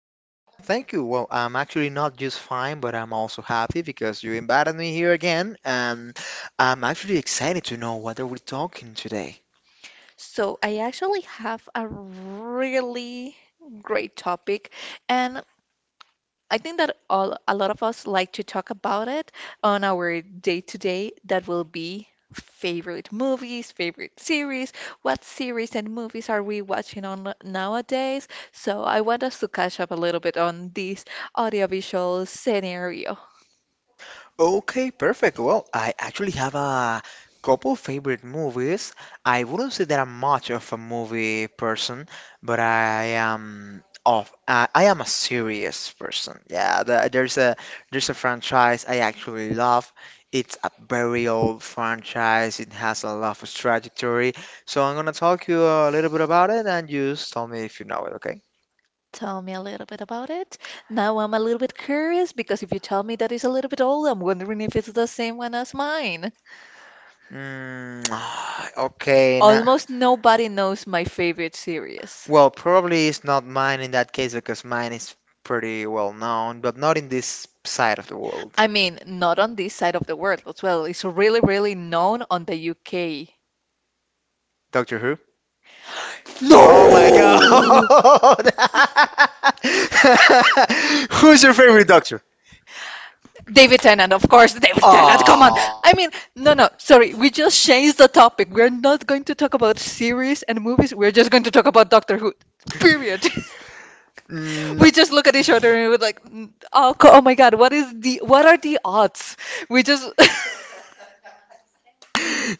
I'm pretty fine, thank you. Well, I'm actually not just fine, but I'm also happy because you invited me here again, and I'm actually excited to know what are we talking today. So, I actually have a really great topic, and I think that a lot of us like to talk about it on our day-to-day. That will be favorite movies, favorite series, what series and movies are we watching on nowadays? So, I want us to catch up a little bit on this audiovisual scenario. Okay, perfect. Well, I actually have a couple favorite movies. I wouldn't say that I'm much of a movie person, but I am a serious person. Yeah, there's a franchise I actually love. It's a very old franchise. It has a lot of trajectory. So I'm gonna talk you a little bit about it, and you just tell me if you know it. Okay. Tell me a little bit about it. Now I'm a little bit curious because if you tell me that it's a little bit old, I'm wondering if it's the same one as mine. Mm, okay. Now. Almost nobody knows my favorite series. Well, probably it's not mine in that case because mine is pretty well known, but not in this side of the world. I mean, not on this side of the world as well. It's really, really known on the UK. Doctor Who? Oh my God! No! Who's your favorite doctor? David Tennant, of course, David Tennant, come on. Oh, I mean, no, no, sorry, we just changed the topic. We're not going to talk about series and movies. We're just going to talk about Doctor Who. Period. We just look at each other and we're like, "Mm, oh, oh my God, what are the odds? We just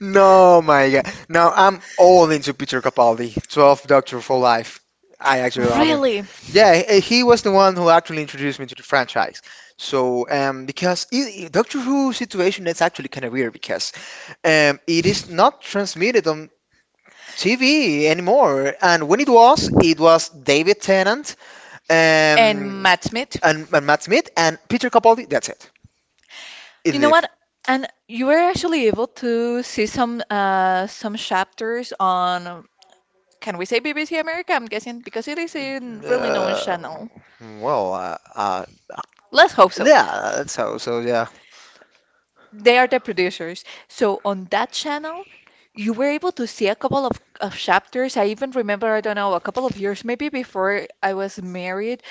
no, my God. Now I'm all into Peter Capaldi, 12th Doctor for Life. I actually love him. Really? Yeah, he was the one who actually introduced me to the franchise. So, because Doctor Who situation that's actually kind of weird because it is not transmitted on TV anymore. And when it was David Tennant, um, And match meet? and Matt Smith and Peter Capaldi. That's it. It You know lived. what? And you were actually able to see some chapters on, can we say, BBC America? I'm guessing because it is a really known Uh, channel. well, Let's hope so. yeah, that's how. So yeah. They are the producers. So on that channel, you were able to see a couple of chapters. I even remember, I don't know, a couple of years maybe before I was married,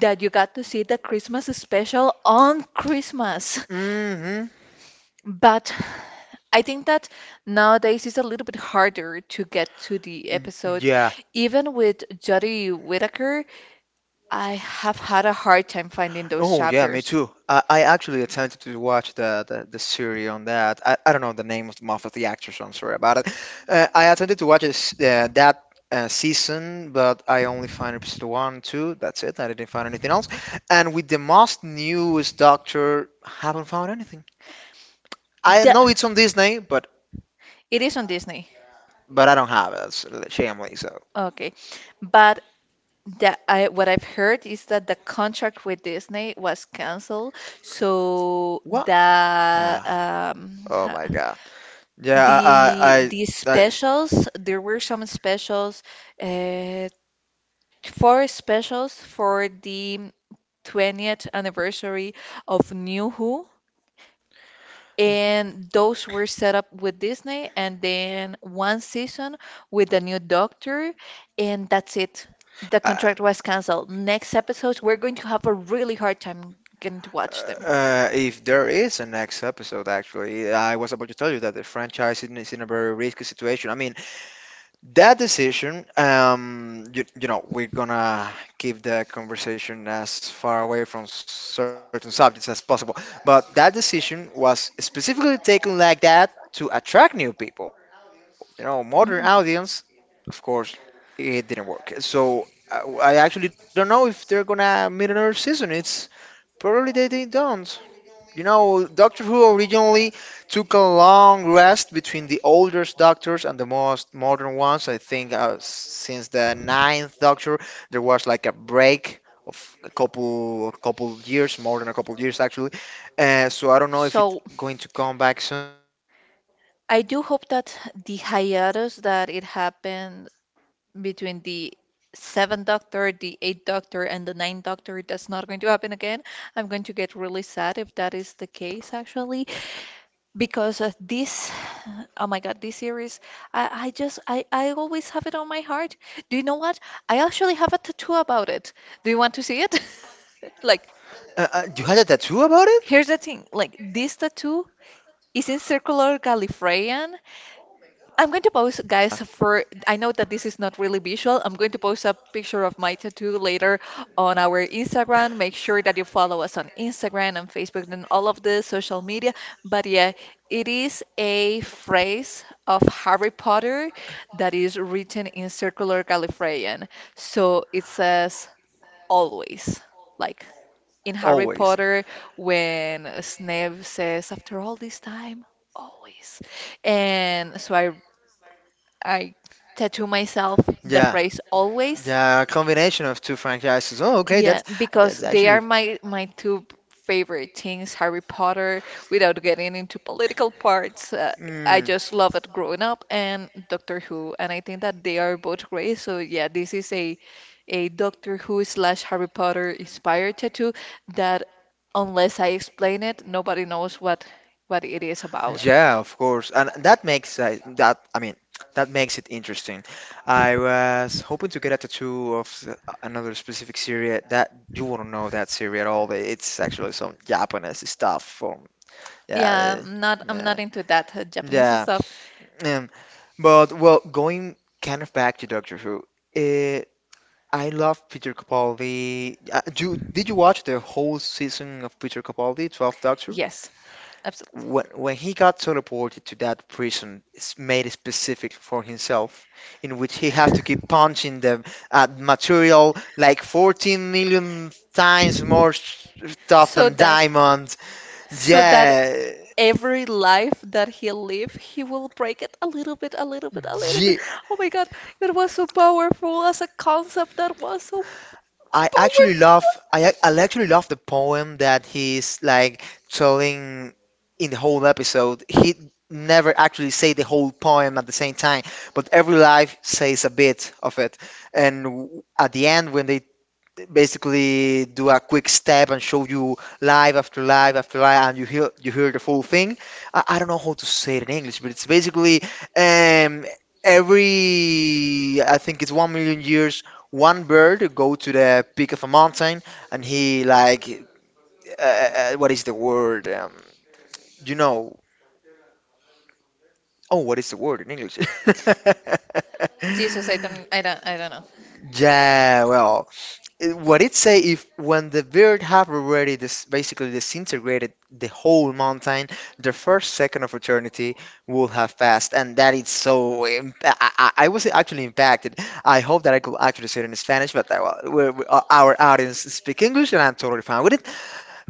that you got to see the Christmas special on Christmas. Hmm. But I think that nowadays it's a little bit harder to get to the episodes. Yeah. Even with Jodie Whittaker, I have had a hard time finding those Oh yeah, me chapters. too. I actually attempted to watch the series on that. I don't know the name of the month of the actors. I'm sorry about it. I attempted to watch that season, but I only found episode one, two. That's it. I didn't find anything else. And with the most newest Doctor, haven't found anything. I The, know it's on Disney, but it is on Disney. I don't have it. It's shamefully so. Okay. But what I've heard is that the contract with Disney was canceled. So What? Ah, oh my God. Yeah, The I, the I, specials, there were some specials, uh, four specials for the 20th anniversary of New Who, and those were set up with Disney, and then one season with the new Doctor, and that's it. The I uh, contract was canceled. Next episodes, we're going to have a really hard time getting to watch uh, them. uh, if there is a next episode, actually, I was about to tell you that the franchise is in a very risky situation. I mean, that decision, you know, we're gonna keep the conversation as far away from certain subjects as possible, but that decision was specifically taken like that to attract new people. You know, modern Mhm. audience, of course, it didn't work. So I actually don't know if they're gonna make another season. It's Probably they don't. You know, Doctor Who originally took a long rest between the oldest doctors and the most modern ones. I think since the ninth Doctor, there was like a break of a couple years, more than a couple years actually. So I don't know if it's So going to come back soon. I do hope that the hiatus that it happened between the seventh doctor, the eighth doctor, and the ninth doctor, that's not going to happen again. I'm going to get really sad if that is the case, actually, because this, oh my God, this series, I always have it on my heart. Do you know what? I actually have a tattoo about it. Do you want to see it? Like, You had a tattoo about it? here's the thing, like, this tattoo is in circular Gallifreyan. I'm going to post, guys, for I know that this is not really visual. I'm going to post a picture of my tattoo later on our Instagram. Make sure that you follow us on Instagram and Facebook and all of the social media. But yeah, it is a phrase of Harry Potter that is written in circular Gallifreyan. So it says always, like in Harry Always. Potter when Snape says, after all this time, always. And so I tattoo myself the Yeah, phrase always. yeah, a combination of two franchises. Oh, okay, Yeah, that's because that's they are actually. my two favorite things, Harry Potter, without getting into political parts. I Mm, just love it growing up and Doctor Who, and I think that they are both great. So yeah, this is a Doctor Who slash Harry Potter inspired tattoo that, unless I explain it, nobody knows what it is about. Yeah, of course. And that makes that I mean, that makes it interesting. I was hoping to get a tattoo of another specific series that you wouldn't know that series at all. It's actually some Japanese stuff from. Yeah, Yeah, I'm not I'm not yeah, into that Japanese yeah. stuff. Um, but well, going kind of back to Doctor Who. eh, I love Peter Capaldi. Do did you watch the whole season of Peter Capaldi, 12th Doctor? Yes, absolutely. When he got teleported to that prison made specific for himself, in which he have to keep punching the material like 14 million times more stuff So than that diamonds. so that Yeah, every life that he live, he will break it a little bit, a little bit, a little bit. yeah. Oh my God, it was so powerful as a concept. That was so I actually powerful. love I ac- I actually love the poem that he's like telling in the whole episode. He never actually say the whole poem at the same time, but every life says a bit of it. And at the end, when they basically do a quick step and show you live after live after live and you hear the full thing. I don't know how to say it in English, but it's basically, um every, I think it's 1 million years, one bird go to the peak of a mountain, and he like, what is the word, you know oh, what is the word in English? Jesus, I don't know. Yeah, well, what it say if when the bird have already this basically disintegrated the whole mountain, the first second of eternity will have passed, and that is so I was actually impacted. I hope that I could actually say it in Spanish, but well, our audience speak English and I'm totally fine with it,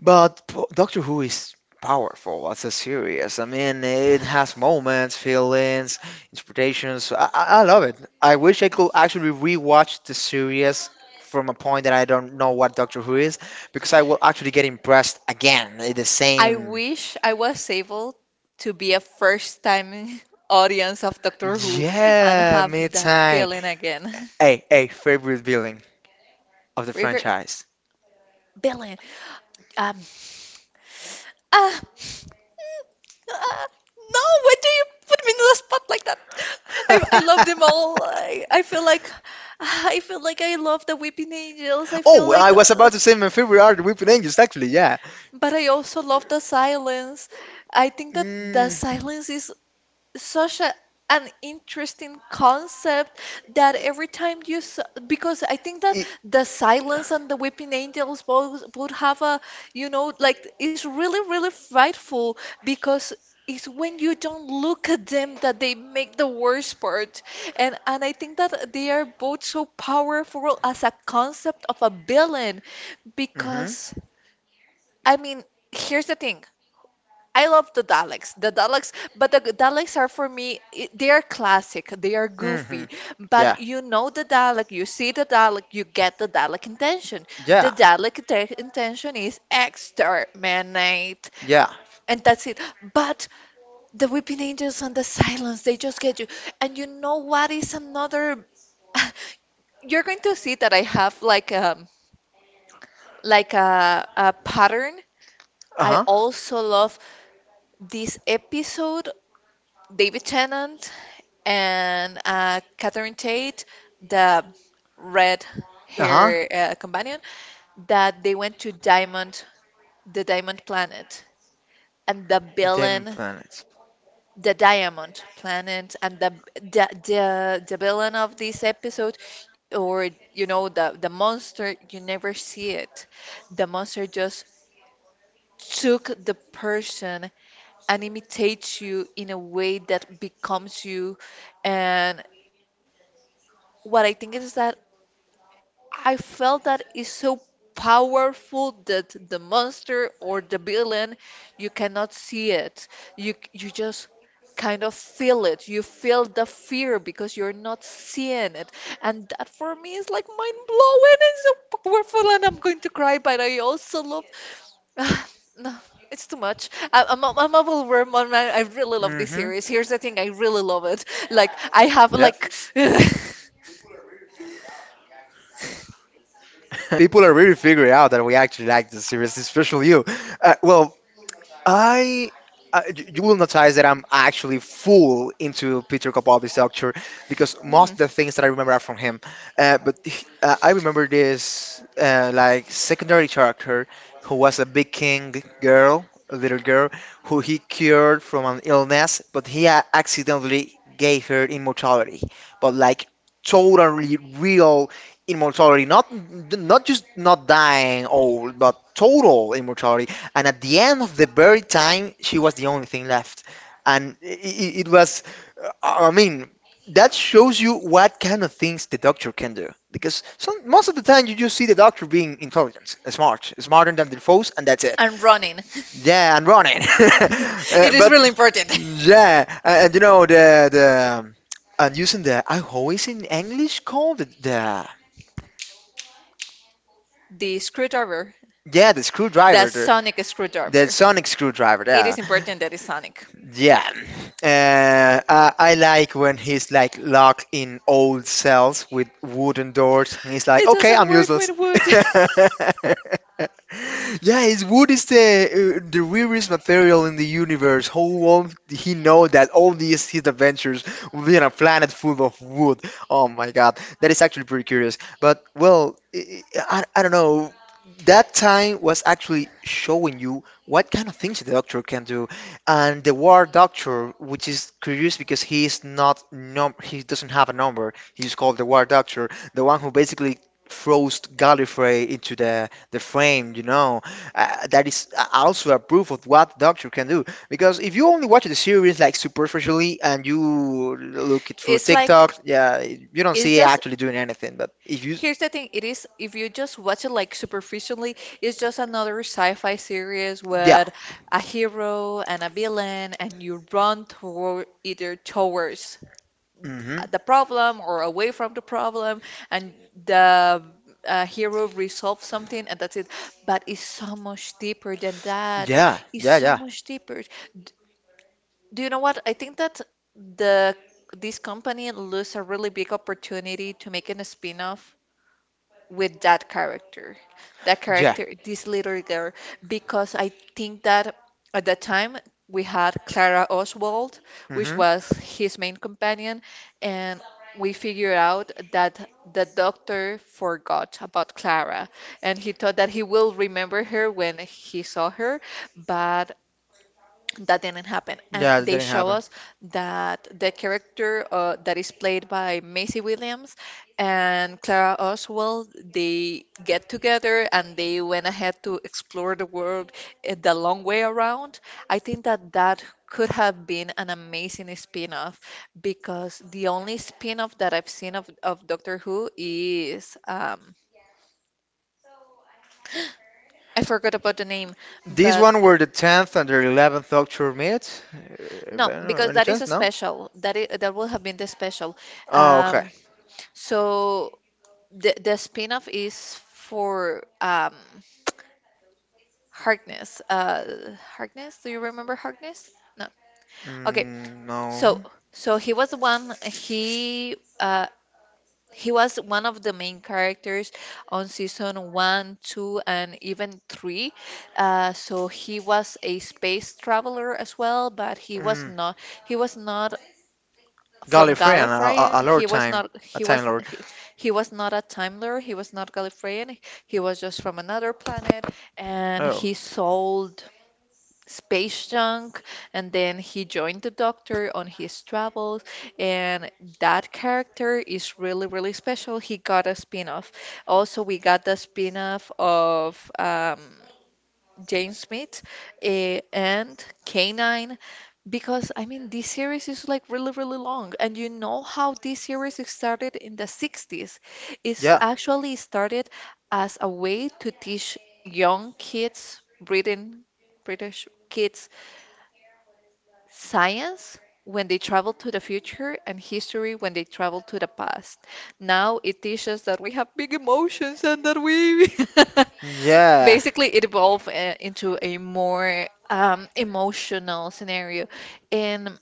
but Doctor Who is powerful as a series. I mean, it has moments, feelings, interpretations. I love it. I wish I could actually rewatch the series from a point that I don't know what Doctor Who is, because I will actually get impressed again. The I same. wish I was able to be a first time audience of Doctor Who and Yeah, have me that time. feeling again. Hey, hey, favorite villain of the River, franchise. Billy, um, Ah, mm, ah, no, why do you put me in the spot like that? I love them all. I feel like I love the Weeping Angels. I feel Oh, I like, was about to say my favorite are the Weeping Angels, actually, yeah. but I also love the silence. I think that the Mm, silence is such an interesting concept, that every time you s because I think that the silence and the weeping angels both would have a, like, it's really, really frightful, because it's when you don't look at them that they make the worst part. And I think that they are both so powerful as a concept of a villain. mm-hmm. Because, I mean, here's the thing, I love the Daleks. The Daleks, but the Daleks are for me, they are classic. They are Mm-hmm. goofy. Yeah, But you know the Dalek, you see the Dalek, you get the Dalek intention. The yeah, Dalek intention is exterminate. yeah. And that's it. But the Weeping Angels and the Silence, they just get you. And you know what is another. You're going to see that I have like, like a pattern. I Uh-huh, also love this episode, David Tennant and Catherine Tate, the red uh-huh. hair companion, that they went to Diamond, the Diamond Planet, and the Demon villain, planets. the Diamond Planet, and the villain of this episode, or you know, the monster, you never see it. The monster just took the person and imitates you in a way that becomes you. And what I think is that I felt that is so powerful that the monster or the villain, you cannot see it. You just kind of feel it. You feel Mm-hmm. the fear because you're not Yep. seeing it. And that for me is like mind blowing and so powerful, and I'm going to cry, but I also love, no, it's too much. I, I'm I really love this series. Here's the thing, I really love it. Like Yeah, it's, I have pe- like, no, people are really figuring out that we actually like the series, especially you. Well, I. You will notice that I'm actually full into Peter Capaldi's Doctor because most of the things that I remember are from Mhm. him. But I remember this like secondary character who was a big king girl, a little girl, who he cured from an illness, but he accidentally gave her immortality. But like totally real immortality, not just not dying old, but total immortality, and at the end of the very time, she was the only thing left. And it was, I mean, that shows you what kind of things the doctor can do. Because most of the time, you just see the doctor being intelligent, smart, smarter than the foes, and that's it. And running. Yeah, and running. It is But really important. yeah, and the and using the, I always in English called the The screwdriver, yeah, the the screwdriver, sonic the screwdriver. sonic screwdriver, It yeah. is important that it's sonic. Yeah, I like when he's like locked in old cells with wooden doors, and he's like, It "Okay, doesn't I'm work useless." with wood. Yeah, his wood is the rarest material in the universe. How won't he know that all these his adventures will be on a planet full of wood? Oh my God, that is actually pretty curious. But well, I don't know. That time was actually showing you what kind of things the doctor can do. And the War Doctor, which is curious because he is not, num he doesn't have a number. He's called the War Doctor, the one who basically froze Gallifrey into the frame. You know, that is also a proof of what Doctor can do. Because if you only watch the series like superficially and you look it through It's like, TikTok, yeah, you don't it's see it just, actually doing anything. But if you, here's the thing, it is, if you just watch it like superficially, it's just another sci-fi series yeah, with a hero and a villain, and you run towards mm-hmm, the problem or away from the problem, and the hero resolves something, and that's it. But it's so much deeper than that. yeah, It's yeah, so yeah, much deeper. D- do you know what? I think that the this company lose a really big opportunity to making a spin-off with that character, yeah, this little girl, because I think that at that time we had Clara Oswald, which mm-hmm, was his main companion, and we figured out that the doctor forgot about Clara, and he thought that he will remember her when he saw her, but that didn't happen. And yeah, it they didn't show happen. us that the character that is played by Maisie Williams and Clara Oswald, they get together, and they went ahead to explore the world, the long way around. I think that that could have been an amazing spin-off, because the only spin-off that I've seen of Doctor Who is, I forgot about the name, This but one were the tenth and the 11th Doctor meet. No, Well, because any that is chance? a No. special. That is, that will have been the special. Oh, okay. Um, so the spin-off is for, Harkness. Harkness, do you remember Harkness? No. Okay. Mm, So no. so he was one of the main characters on season one, two, and even three. So he was a space traveler as well, but he was Mm. not he was not from Gallifrey a, a, Gallifreyan. a Lord He was time, not a he Time was Lord. he, he was not a Time Lord. He was not Gallifreyan. He was just from another planet, and Oh, he sold space junk, and then he joined the doctor on his travels, and that character is really, really special. He got a spin-off. Also we got the spin-off of James Smith and Canine, because I mean this series is like really, really long, and you know how this series is started in the 60s. It's yeah, actually started as a way to teach young kids, British kids, science when they travel to the future, and history when they travel to the past. Now it teaches that we have big emotions and that we, yeah. basically it evolved into a more, emotional scenario. And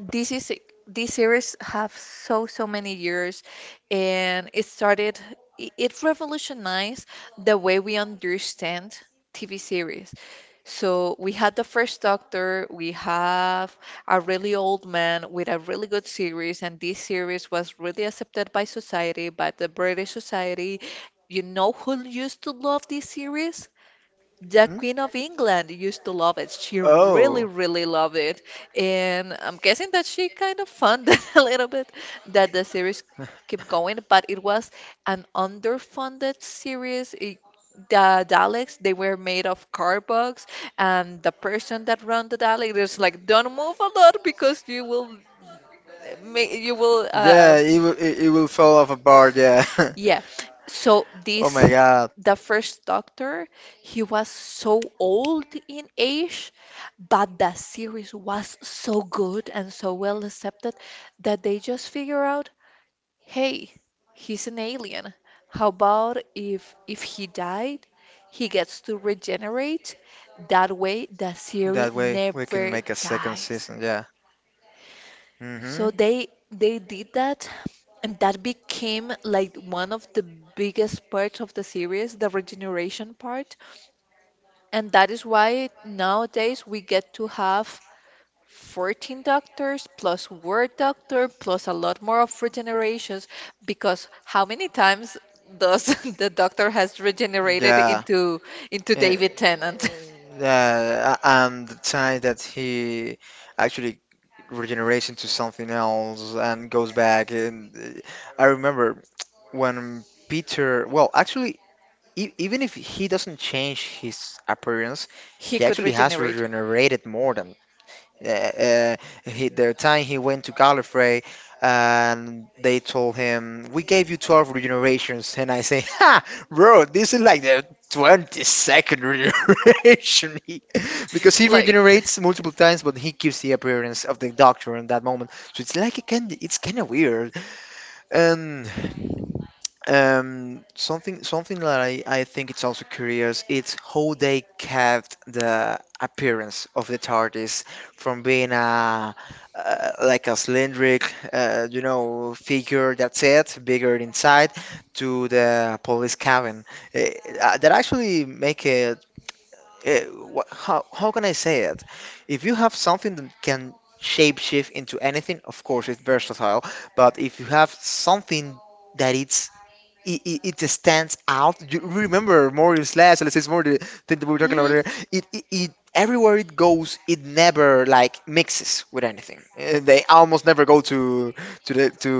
this is this series have so many years and it started it revolutionized the way we understand TV series. So we had the first Doctor, we have a really old man with a really good series, and this series was really accepted by society, by the British society. You know who used to love this series? The Queen of Mm? England used to love it. She really, really Oh, loved it. And I'm guessing that she kind of funded a little bit that the series kept going, but it was an underfunded series. It, the Daleks, they were made of cardboards, and the person that ran the Dalek is like, "Don't move a lot because you will, you will yeah. It will fall off a bar. Yeah. yeah." So Oh this my God. the first doctor, he was so old in age, but the series was so good and so well accepted that they just figure out, hey, he's an alien. How about if he died, he gets to regenerate? That way the That series way we can make a never second season. dies. Yeah. Mhm. So they did that, and that became like one of the biggest parts of the series, the regeneration part. And that is why nowadays we get to have 14 doctors plus Word Doctor plus a lot more of regenerations because how many times does the doctor has regenerated Yeah. Into Uh, David Tennant? yeah, and the time that he actually regenerates into something else and goes back. And I remember when Peter, well, actually, e even if he doesn't change his appearance, He he could actually has regenerate. regenerated more than. uh, uh, their time he went to Gallifrey, and they told him, "We gave you 12 regenerations," and I say, "Ha, bro, this is like the 22nd regeneration," because he Like, regenerates multiple times, but he keeps the appearance of the Doctor in that moment. So it's like it's kind of weird. And something that I think it's also curious, it's how they kept the appearance of the TARDIS from being a like a cylindric, figure that's it, bigger inside, to the police cabin. Eh, that actually make it. Uh, how can I say it? If you have something that can shapeshift into anything, of course it's versatile. But if you have something that it just stands out. You remember more is let's say it's more the thing that we were talking about mhm, here. It everywhere it goes, it never like mixes with anything. They almost never go to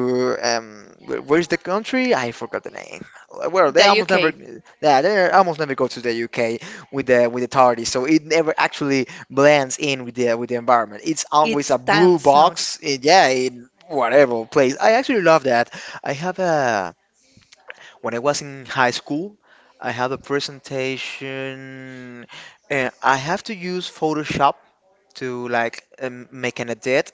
where's the country? I forgot the name. Well, the UK, they almost never go to the UK with the tardy. So it never actually blends in with the environment. It's always it's a tan blue sound. box. It, yeah. Whatever place. I actually love that. I have a When I was in high school, I have a presentation and I have to use Photoshop to like make an edit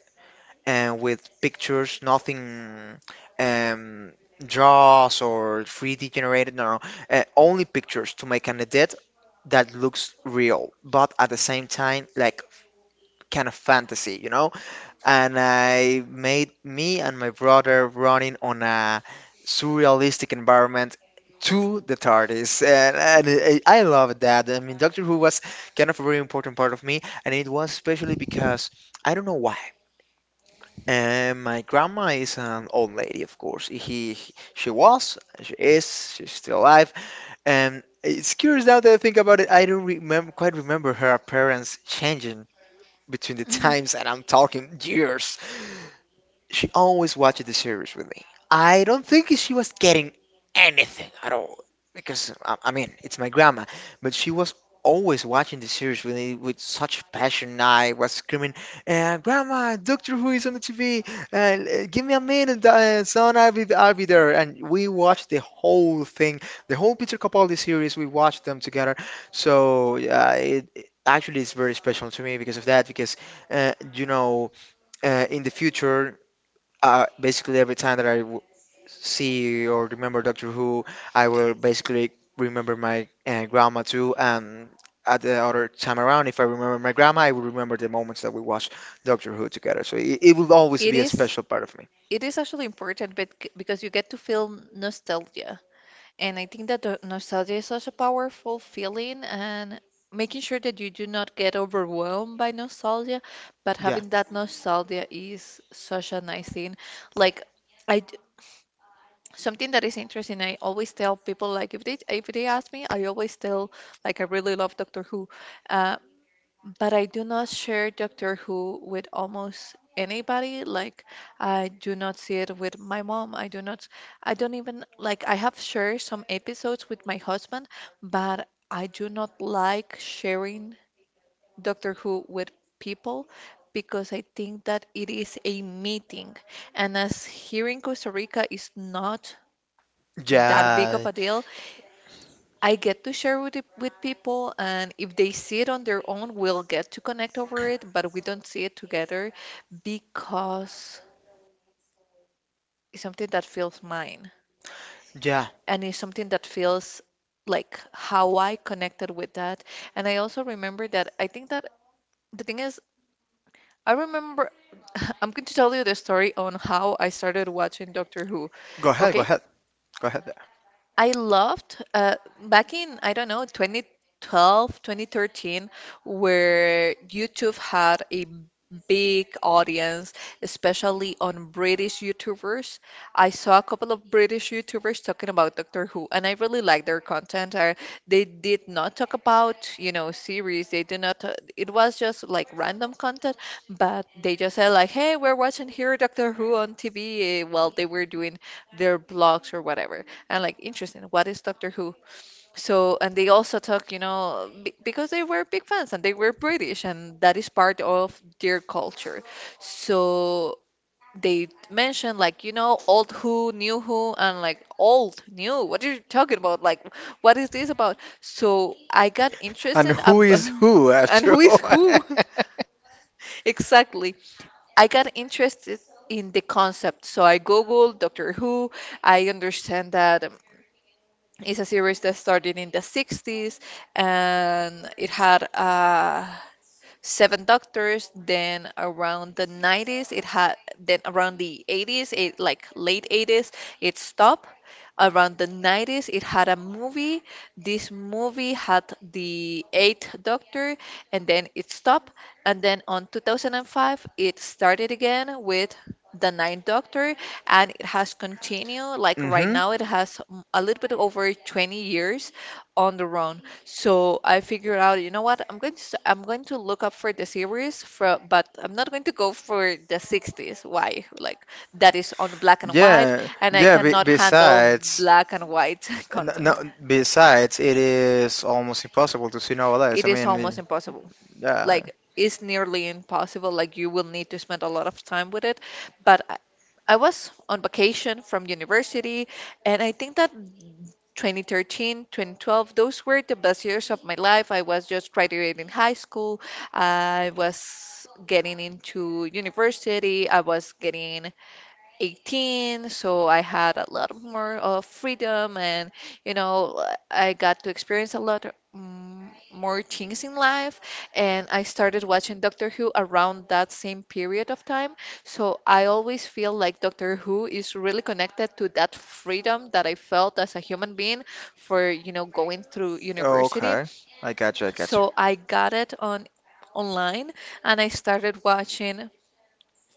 and with pictures, nothing um, draws or 3D generated, no, no, only pictures to make an edit that looks real, but at the same time like kind of fantasy, And I made me and my brother running on a surrealistic environment to the TARDIS, and I love that. I mean, Doctor Who was kind of a very important part of me, and it was especially because I don't know why. And my grandma is an old lady, of course. She's still alive, and it's curious now that I think about it. I don't remember quite remember her appearance changing between the Mhm. times, and I'm talking years. She always watched the series with me. I don't think she was getting anything at all because I mean it's my grandma, but she was always watching the series with me with such passion. I was screaming, "Grandma, Doctor Who is on the TV! Give me a minute, son. I'll be there." And we watched the whole thing, the whole Peter Capaldi series. We watched them together. So it actually is very special to me because of that. Because uh, you know in the future basically every time that I w see or remember Doctor Who, I will basically remember my grandma too. And at the other time around, if I remember my grandma, I will remember the moments that we watched Doctor Who together. So it will always It be a is special part of me. It is actually important because you get to feel nostalgia. And I think that the nostalgia is such a powerful feeling and making sure that you do not get overwhelmed by nostalgia, but Yeah, having that nostalgia is such a nice thing. Like, I d- something that is interesting, I always tell people, like, if they ask me, I always tell like I really love Doctor Who. Uh, but I do not share Doctor Who with almost anybody. Like, I do not see it with my mom. I do not, I don't even, like, I have shared some episodes with my husband, but I do not like sharing Doctor Who with people because I think that it is a meeting. And as here in Costa Rica is not that big of yeah, a deal, I get to share with, with people, and if they see it on their own, we'll get to connect over it, but we don't see it together because it's something that feels mine yeah. and it's something that feels like how I connected with that. And I also remember that I think that the thing is, I remember I'm going to tell you the story on how I started watching Doctor Who, Go ahead, go okay? ahead, go ahead. I loved back in, I don't know, 2012, 2013, where YouTube had a big audience, especially on British YouTubers. I saw a couple of British YouTubers talking about Doctor Who, and I really liked their content. They did not talk about, you know, series. They did not, it was just like random content, but they just said like, hey, we're watching here Doctor Who on TV while they were doing their blogs or whatever. And like, interesting. What is Doctor Who? So, and they also talk, you know, because they were big fans and they were British, and that is part of their culture. So they mentioned like, you know, old Who, new Who, and like old, new. What are you talking about? Like, what is this about? So I got And interested who about, is who And after who is all? who? Exactly. I got interested in the concept. So I Googled Doctor Who. I understand that it's a series that started in the 60s and it had seven doctors. Then around the 80s, it like late 80s, it stopped. Around the 90s, it had a movie. This movie had the eighth doctor, and then it stopped. And then on 2005, it started again with the ninth doctor, and it has continued. Like right Mm-hmm. now, it has a little bit over 20 years on their own. So I figured out, you know what? I'm going to look up for the series for, but I'm not going to go for the 60s. Why? Like that is on black and white, Yeah, and I yeah. Cannot handle black and white No, content. no, besides, it is almost impossible to see nowadays. I It is mean, almost impossible. yeah. Like is nearly impossible. Like you will need to spend a lot of time with it. But I was on vacation from university, and I think that 2013, 2012, those were the best years of my life. I was just graduating high school. I was getting into university. I was getting 18, so I had a lot more of freedom and, you know, I got to experience a lot more things in life and I started watching Doctor Who around that same period of time. So I always feel like Doctor Who is really connected to that freedom that I felt as a human being for, you know, going through university. Okay. I got you. So I got it on online and I started watching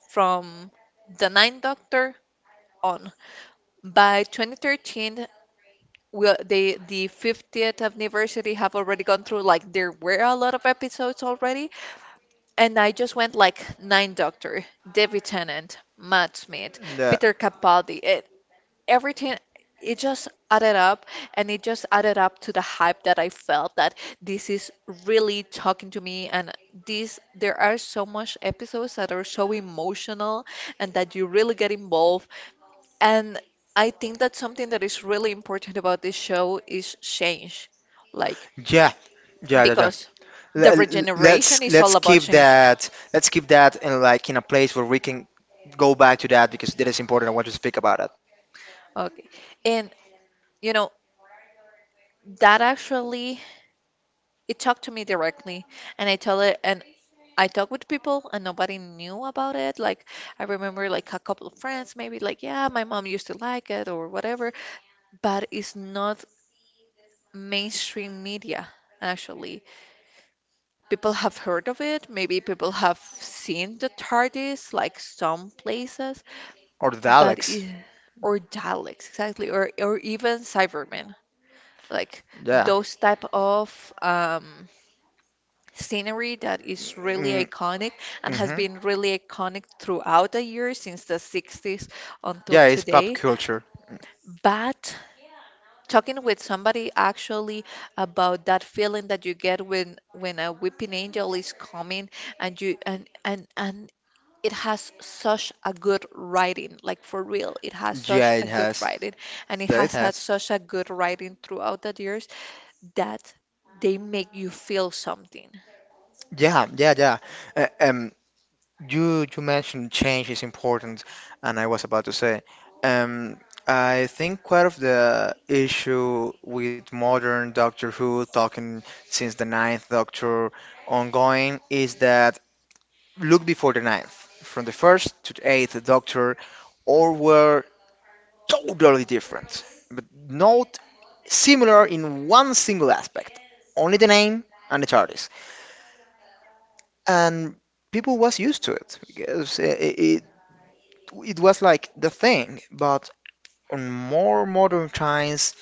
from the Ninth Doctor on by 2013, will the 50th anniversary have already gone through. Like there were a lot of episodes already, and I just went like Nine Doctor, David Tennant, Matt Smith, Yeah. Peter Capaldi, it, everything. It just added up, and it just added up to the hype that I felt that this is really talking to me, and this there are so much episodes that are so emotional, and that you really get involved, and I think that something that is really important about this show is change. Like, Yeah. Yeah, yeah, yeah. because the Let, regeneration let's is let's all about keep change. that in like in a place where we can go back to that because that is important. I want to speak about it. Okay. And you know, that actually it talked to me directly and I tell it and I talk with people and nobody knew about it. Like I remember like a couple of friends maybe like, yeah, my mom used to like it or whatever, but it's not mainstream media actually. People have heard of it. Maybe people have seen the TARDIS, like some places, Or the but dialects. Or Daleks exactly, or even Cybermen, like Yeah. those type of um, scenery that is really Mm-hmm. iconic and has been really iconic throughout the years since the 60s until Yeah, it's pop today. culture. But talking with somebody actually about that feeling that you get when a weeping angel is coming and you and it has such a good writing, like for real, it has such Yeah, it a good has. writing, and it Yeah, it has had has. such a good writing throughout the years that they make you feel something. Yeah, yeah, yeah. Uh, um, you mentioned change is important, and I was about to say, um, I think quite of the issue with modern Doctor Who, talking since the ninth Doctor ongoing, is that look before the ninth, from the first to the eighth Doctor, all were totally different, but not similar in one single aspect, only the name and the TARDIS, and people was used to it because it was like the thing, but on more modern times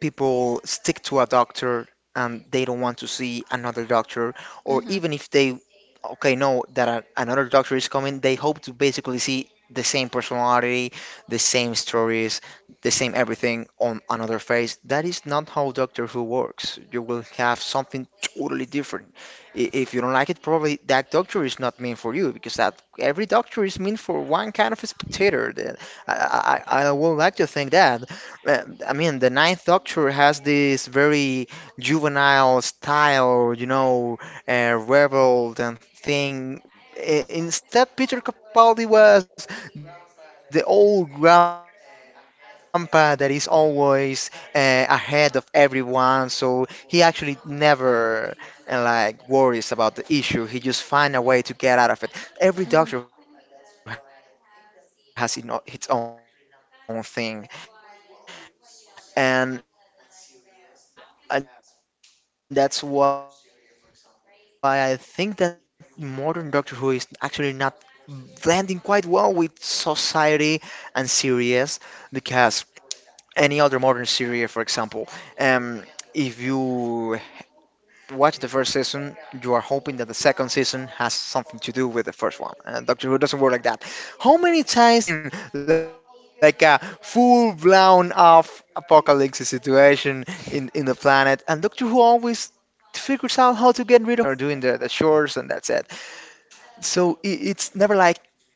people stick to a doctor and they don't want to see another doctor, or Hmm. even if they okay know that another doctor is coming, they hope to basically see the same personality, the same stories, the same everything on another face. That is not how Doctor Who works. You will have something totally different. If you don't like it, probably that doctor is not meant for you because that every doctor is meant for one kind of a spectator. I would like to think that. Uh, I mean, the Ninth Doctor has this very juvenile style, you know, rebel and thing. Instead, Peter Capaldi was the old grandpa that is always ahead of everyone, so he actually never like worries about the issue. He just find a way to get out of it. Every Hmm. doctor has you know, its own thing and and that's why I think that modern Doctor Who is actually not blending quite well with society and series because any other modern series, for example, um, if you watch the first season, you are hoping that the second season has something to do with the first one. And Doctor Who doesn't work like that. How many times has not the world ended in Doctor Who? I mean, like a full blown off apocalypse situation in the planet, and Doctor Who always figures out how to get rid of all that. And next day, everybody is going to work and you know doing the chores, and that's it.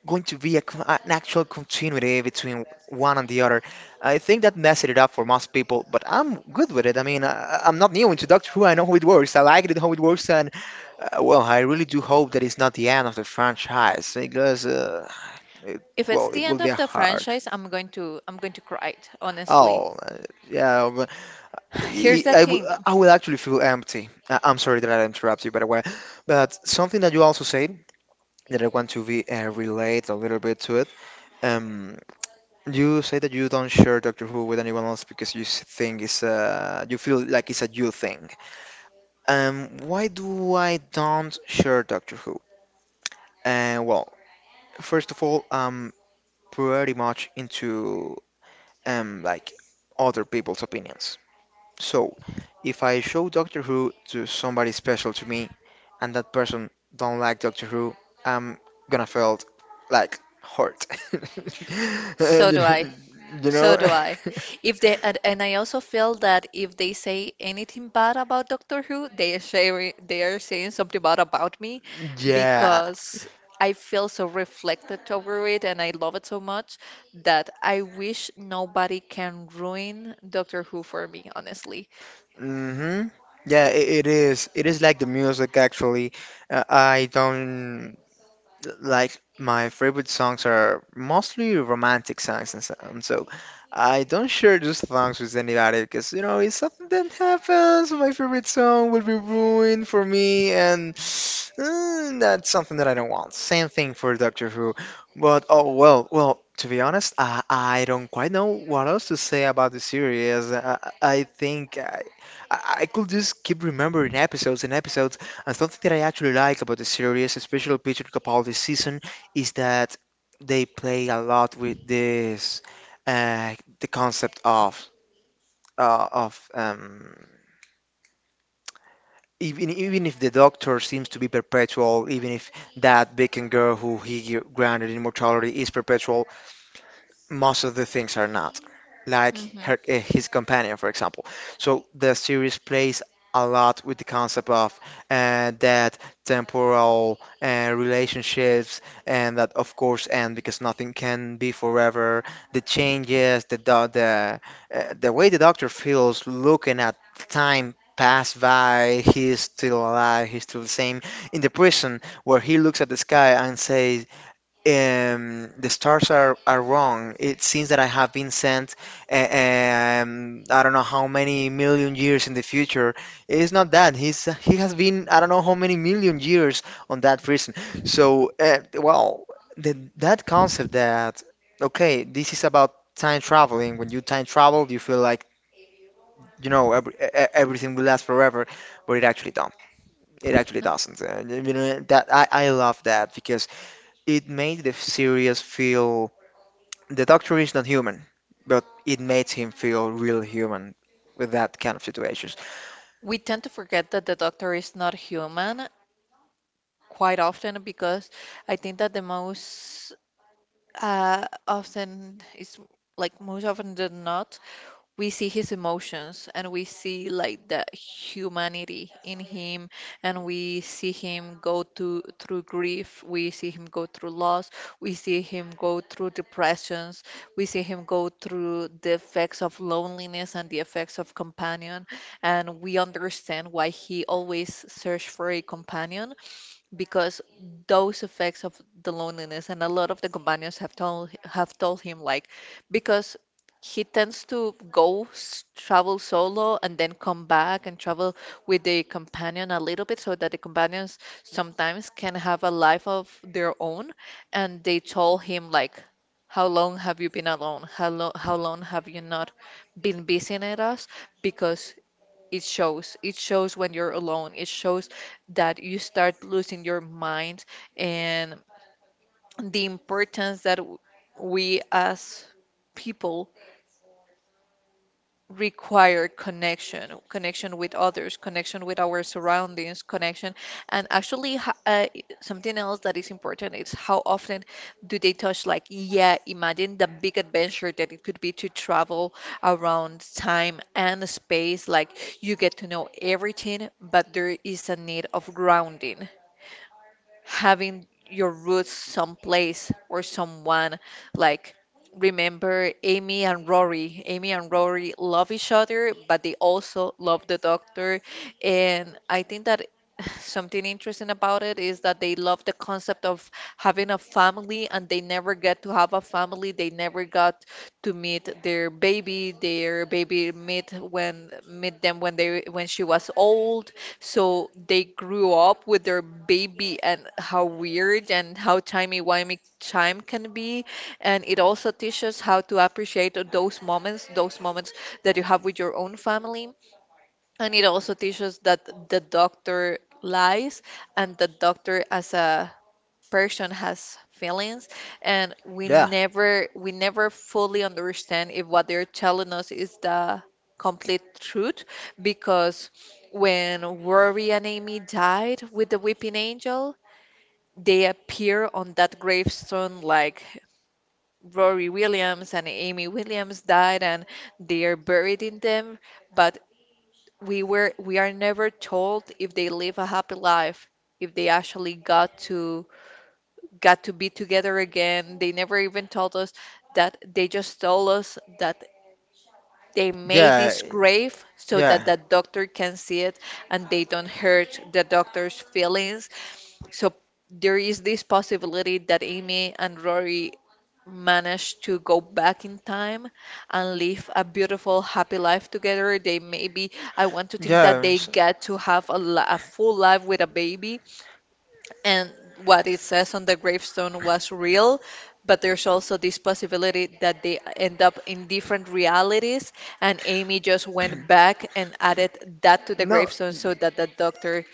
So I it's never like going to be an actual continuity between one and the other. I think that messed it up for most people, but I'm good with it. I mean, I'm not new into Doctor Who. I know how it works. I liked it how it works, and well, I really do hope that it's not the end of the franchise because, If it's the end it, of the well, it will be franchise, hard. I'm going to cry it, honestly. Oh, yeah. But Here's the I will thing. I will actually feel empty. I'm sorry that I interrupt you, by the way. But something that you also said that I want to be relate a little bit to it. Um, you say that you don't share Doctor Who with anyone else because you feel like it's a you thing. Why do I don't share Doctor Who? Well, first of all, I'm pretty much into like other people's opinions. So, if I show Doctor Who to somebody special to me and that person don't like Doctor Who, I'm gonna feel like hurt. So You do I. know? You So know? do I. If they and I also feel that if they say anything bad about Doctor Who, they are sharing, they are saying something bad about me Yeah. because I feel so reflected over it and I love it so much that I wish nobody can ruin Doctor Who for me, honestly. hmm Yeah, I it is. It is like the music actually. I don't like my favorite songs are mostly romantic songs and so on. So I don't share those songs with anybody because you know if something that happens, my favorite song will be ruined for me, and that's something that I don't want. Same thing for Doctor Who. But oh well, well. To be honest, I don't quite know what else to say about the series. I could just keep remembering episodes and episodes and something that I actually like about the series, especially Peter Capaldi's season, is that they play a lot with this, uh, the concept of uh, of um, even if the Doctor seems to be perpetual, even if that beacon girl who he granted immortality is perpetual, most of the things are not like Mhm. her, his companion for example so the series plays a lot with the concept of that temporal relationships and that of course end because nothing can be forever the changes the way the doctor feels looking at time pass by he's still alive he's still the same in the prison where he looks at the sky and says the stars are wrong. It seems that I have been sent, I don't know how many million years in the future. It's not that. He has been, I don't know how many million years on that prison. So, well, that concept that, okay, this is about time traveling. When you time travel, you feel like, you know, everything will last forever, but it actually don't. It actually No. doesn't. You know, I love that because it made the series feel the doctor is not human, but it made him feel real human with that kind of situations. We tend to forget that the doctor is not human quite often because I think that the most often is like most often than not we see his emotions and we see like the humanity in him and we see him go to through grief, we see him go through loss, we see him go through depressions, we see him go through the effects of loneliness and the effects of companion and we understand why he always searched for a companion because those effects of the loneliness and a lot of the companions have told him like because he tends to go travel solo and then come back and travel with the companion a little bit so that the companions sometimes can have a life of their own and they told him like how long have you been alone? How long have you not been visiting us? Because it shows. It shows when you're alone. It shows that you start losing your mind and the importance that we as people require connection, connection with others, connection with our surroundings, connection. And actually, something else that is important is how often do they touch, like, yeah, imagine the big adventure that it could be to travel around time and space. Like, you get to know everything, but there is a need of grounding, having your roots someplace or someone. Like, remember Amy and Rory. Amy and Rory love each other, but they also love the doctor. And I think that something interesting about it is that they love the concept of having a family and they never get to have a family. They never got to meet their baby. Their baby meet when meet them when they when she was old so they grew up with their baby and how weird and how timey-wimey time can be. And it also teaches how to appreciate those moments that you have with your own family. And it also teaches that the doctor lies and the doctor as a person has feelings and we Yeah, never we never fully understand if what they're telling us is the complete truth because when Rory and Amy died with the Weeping Angel, they appear on that gravestone like Rory Williams and Amy Williams died and they are buried in them, but we are never told if they live a happy life, if they actually got to be together again. They never even told us that they just told us that they made yeah, this grave so that yeah, the doctor can see it and they don't hurt the doctor's feelings. So there is this possibility that Amy and Rory managed to go back in time and live a beautiful, happy life together. They maybe, I want to think that yeah. they get to have a, a full life with a baby and what it says on the gravestone was real but there's also this possibility that they end up in different realities and amy just went back and added that to the No, gravestone so that the doctor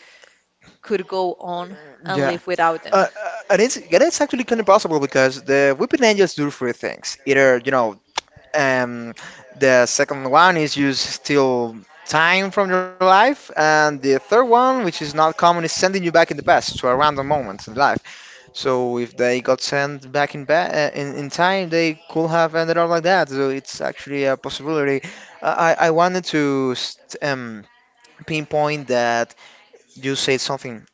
could go on and live yeah. without them. And it's actually kind of possible because the Weeping Angels do three things. Either you know, um, the second one is you steal time from your life, and the third one, which is not common, is sending you back in the past to a random moment in life. So if they got sent back in ba in time, they could have ended up like that. So it's actually a possibility. I wanted to st pinpoint that you said something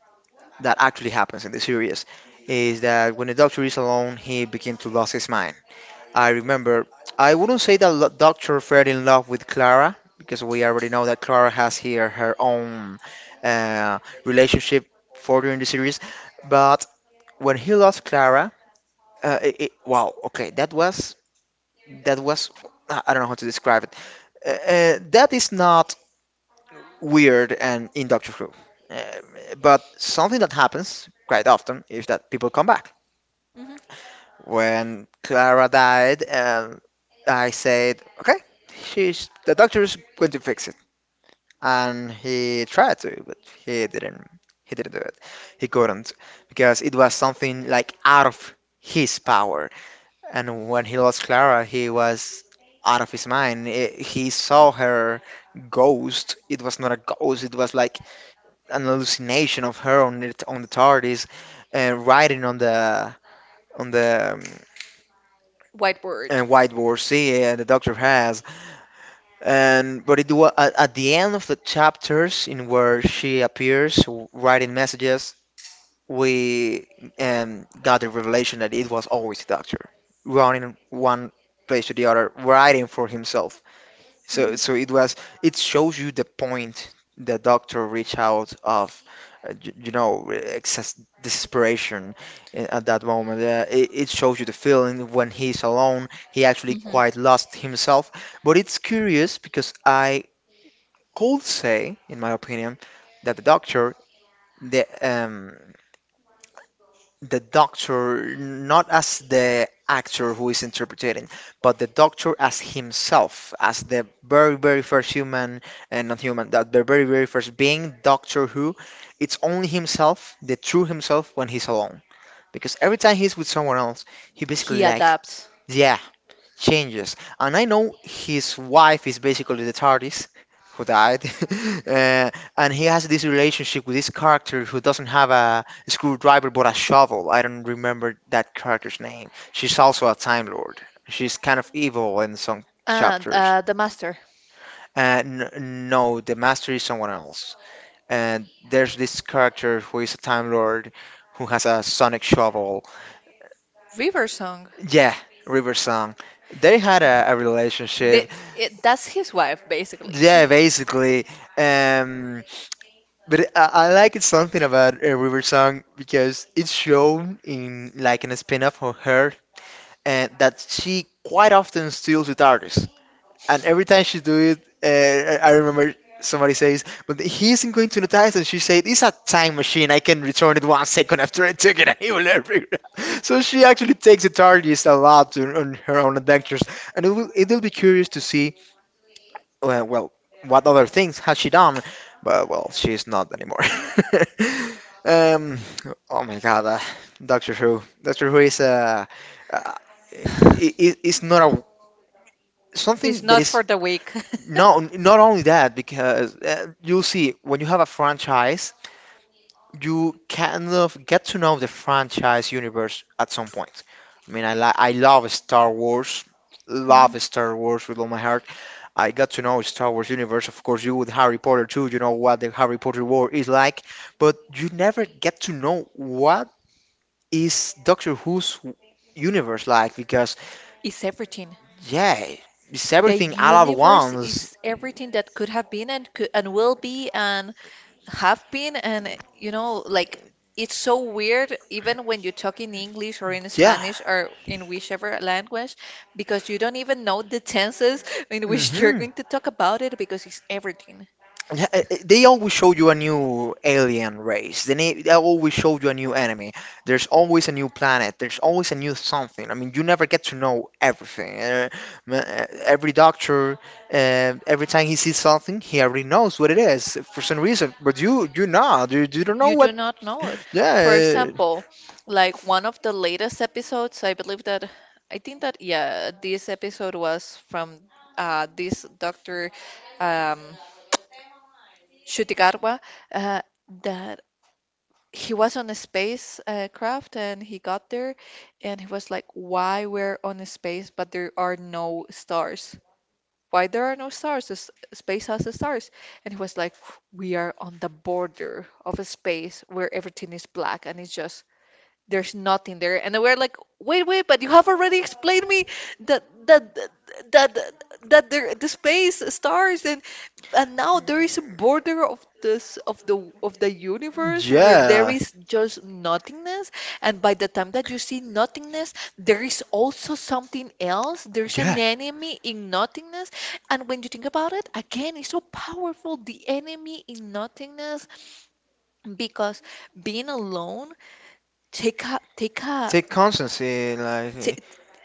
that actually happens in the series is that when the Doctor is alone, he begins to lose his mind. I remember I wouldn't say that Doctor fell in love with Clara because we already know that Clara has here her own relationship further in the series, but when he lost Clara. Wow, okay, that was I don't know how to describe it. That is not weird and in Doctor Who, uh, but something that happens quite often is that people come back. Mhm. When Clara died, I said, okay, she's the doctor is going to fix it, and he tried to, but he didn't. He didn't do it. He couldn't because it was something like out of his power. And when he lost Clara, he was out of his mind. I he saw her ghost. It was not a ghost. It was like an hallucination of her on the TARDIS, riding on the on the um, White uh, word. whiteboard. See, the Doctor has. And but it was at the end of the chapters in where she appears writing messages. We got the revelation that it was always the Doctor running one place to the other, writing for himself. So, Mhm. so it was, it shows you the point the doctor reached out of, excess desperation at that moment. It shows you the feeling when he's alone. He actually Mhm. quite lost himself. But it's curious because I could say, in my opinion, that the doctor, the um, the doctor, not as the actor who is interpreting, but the doctor as himself, as the very, very first human and not human, that the very, very first being, Doctor Who. It's only himself, the true himself, when he's alone. Because every time he's with someone else, he basically He like, adapts. yeah, changes. And I know his wife is basically the TARDIS who died, uh, and he has this relationship with this character who doesn't have a screwdriver but a shovel. I don't remember that character's name. She's also a Time Lord. She's kind of evil in some and chapters. uh, the master. No, the Master is someone else. And there's this character who is a Time Lord who has a sonic shovel. River song. Yeah, River Song. They had a The, relationship. it, that's his wife basically. Yeah, basically. Um, but I like it something about River Song because it's shown in like in a spin-off of her and that she quite often steals with artists. And every time she do it, I remember somebody says, "But he isn't going to notice," and she said, "It's a time machine. I can return it 1 second after I took it, and he will never figure it out." So she actually takes the artist a lot to, on her own adventures, and it will be curious to see well, what other things has she done? But well, she's not anymore. Um, oh my God, Doctor Who. Doctor Who is uh, i it's not a It's something that not is for the weak. no not only that because you'll see when you have a franchise, you kind of get to know the franchise universe at some point. I mean, I Mhm. love Star Wars with all my heart. I got to know Star Wars universe, of course, you with Harry Potter too. You know what the Harry Potter world is like, but you never get to know what is Doctor Who's universe like because Is everything. yeah, it's The everything all at universe once. is everything that could have been and could and will be and have been, and you know, like it's so weird even when you talk in English or in Yeah. Spanish or in whichever language because you don't even know the tenses in which you're hmm going to talk about it because it's everything. Yeah, they always show you a new alien race. They always show you a new enemy. There's always a new planet. There's always a new something. I mean, you never get to know everything. Every doctor, every time he sees something, he already knows what it is for some reason. But you not. You don't know You do what. not know it. For Yeah, example, like one of the latest episodes, I believe that, I think that, yeah, this episode was from this Dr. um, Shutigarwa, uh, that he was on a space craft and he got there and he was like, why we're on a space but there are no stars? Why there are no stars? This space has the stars. And he was like, we are on the border of a space where everything is black and it's just there's nothing there. And we're like, wait, wait, but you have already explained me that that that, there the space stars and now there is a border of this of the universe where there yeah, is just nothingness. And by the time that you see nothingness there is also something else, there's an yeah. enemy in nothingness. And when you think about it again, it's so powerful the enemy in nothingness because being alone take a take a Take constancy, like t-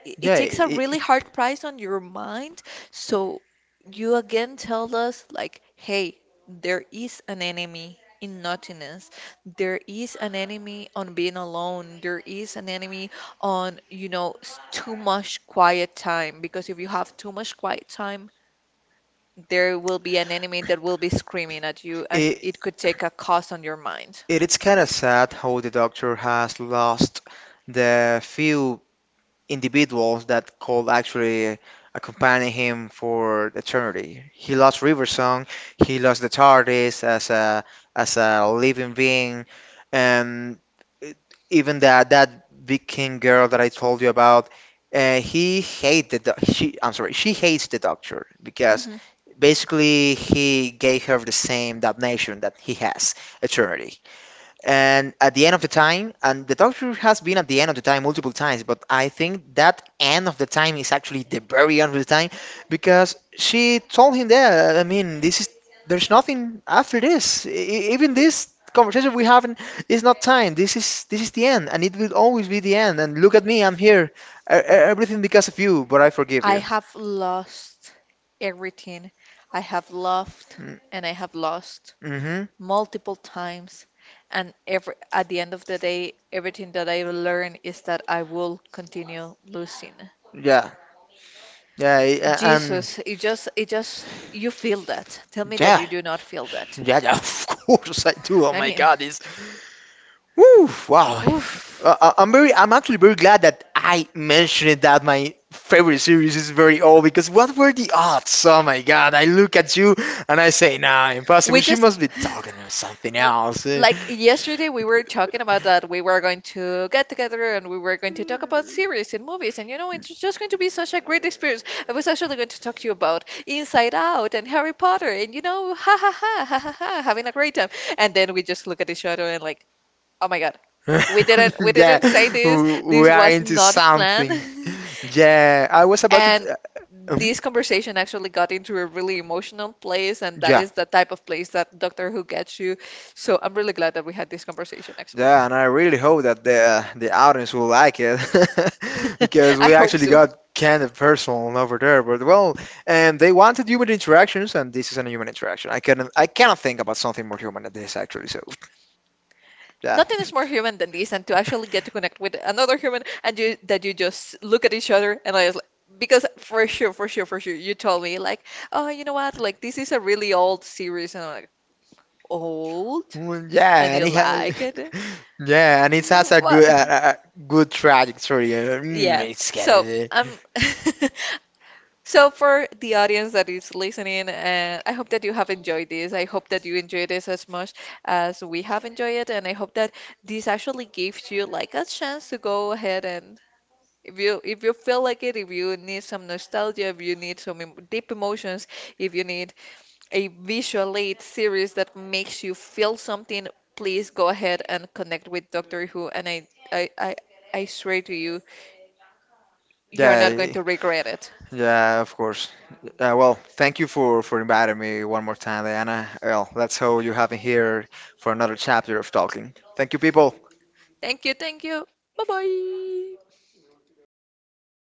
it it yeah. takes a really hard price on your mind. So you again tell us, like, hey, there is an enemy in nothingness. There is an enemy on being alone. There is an enemy on, you know, too much quiet time. Because if you have too much quiet time, there will be an enemy that will be screaming at you, and it, it could take a cost on your mind. It's kind of sad how the doctor has lost the few individuals that could actually accompany him for eternity. He lost Riversong, he lost the TARDIS as a living being, and it- even that Viking girl that I told you about, he hated the, doc- she I'm sorry, she hates the Doctor because basically he gave her the same damnation that he has, eternity, and at the end of the time. And the doctor has been at the end of the time multiple times, but I think that end of the time is actually the very end of the time, because she told him that, I mean, this is, there's nothing after this. Even this conversation we have is not time. This is, this is the end, and it will always be the end. And look at me, I'm here. Everything because of you, but I forgive I you. have lost everything. I have loved Mm, and I have lost mm-hmm. multiple times. And every, at the end of the day, everything that I learn is that I will continue losing. Yeah, and Jesus, it just, you feel that. Tell me that yeah, you do not feel that. yeah, yeah. Of course I do. Oh I my mean, god, it's, woo, wow. oof. I'm very, I'm actually very glad that I mentioned that my favorite series is very old, because what were the odds? Oh my god! I look at you and I say, nah, impossible. We She just, must be talking about something else. Eh, like yesterday we were talking about that we were going to get together and we were going to talk about series and movies, and you know, it's just going to be such a great experience. I was actually going to talk to you about Inside Out and Harry Potter and you know ha ha ha ha ha ha having a great time. And then we just look at each other and like, oh my God, we didn't we yeah, didn't say this. we This are was into not planned. something. Yeah, I was about to. And Mhm, this conversation actually got into a really emotional place, and that yeah. is the type of place that Doctor Who gets you. So I'm really glad that we had this conversation, actually. Yeah, and I really hope that the audience will like it. Because I we hope actually so. got kind of personal over there. But well, and they wanted human interactions, and this is a human interaction. I cannot think about something more human than this actually. So yeah. Nothing is more human than this, and to actually get to connect with another human, and you that you just look at each other, and I was like, because for sure, for sure, for sure, you told me like, oh, you know what, like this is a really old series, and I'm like, old, Mm, and yeah, and you it has, like it? yeah, and it has What? A good trajectory. Yeah. It's kind So of I'm so, for the audience that is listening, and I hope that you have enjoyed this. I hope that you enjoyed this as much as we have enjoyed it, and I hope that this actually gives you like a chance to go ahead and if you feel like it, if you need some nostalgia, if you need some deep emotions, if you need a visual aid series that makes you feel something, please go ahead and connect with Doctor Who, and I swear to you, you're not going yeah. to regret it. Yeah, of course. Well, thank you for inviting me one more time, Diana. Well, let's hope you have me here for another chapter of talking. Thank you, people. Thank you, thank you. Bye bye.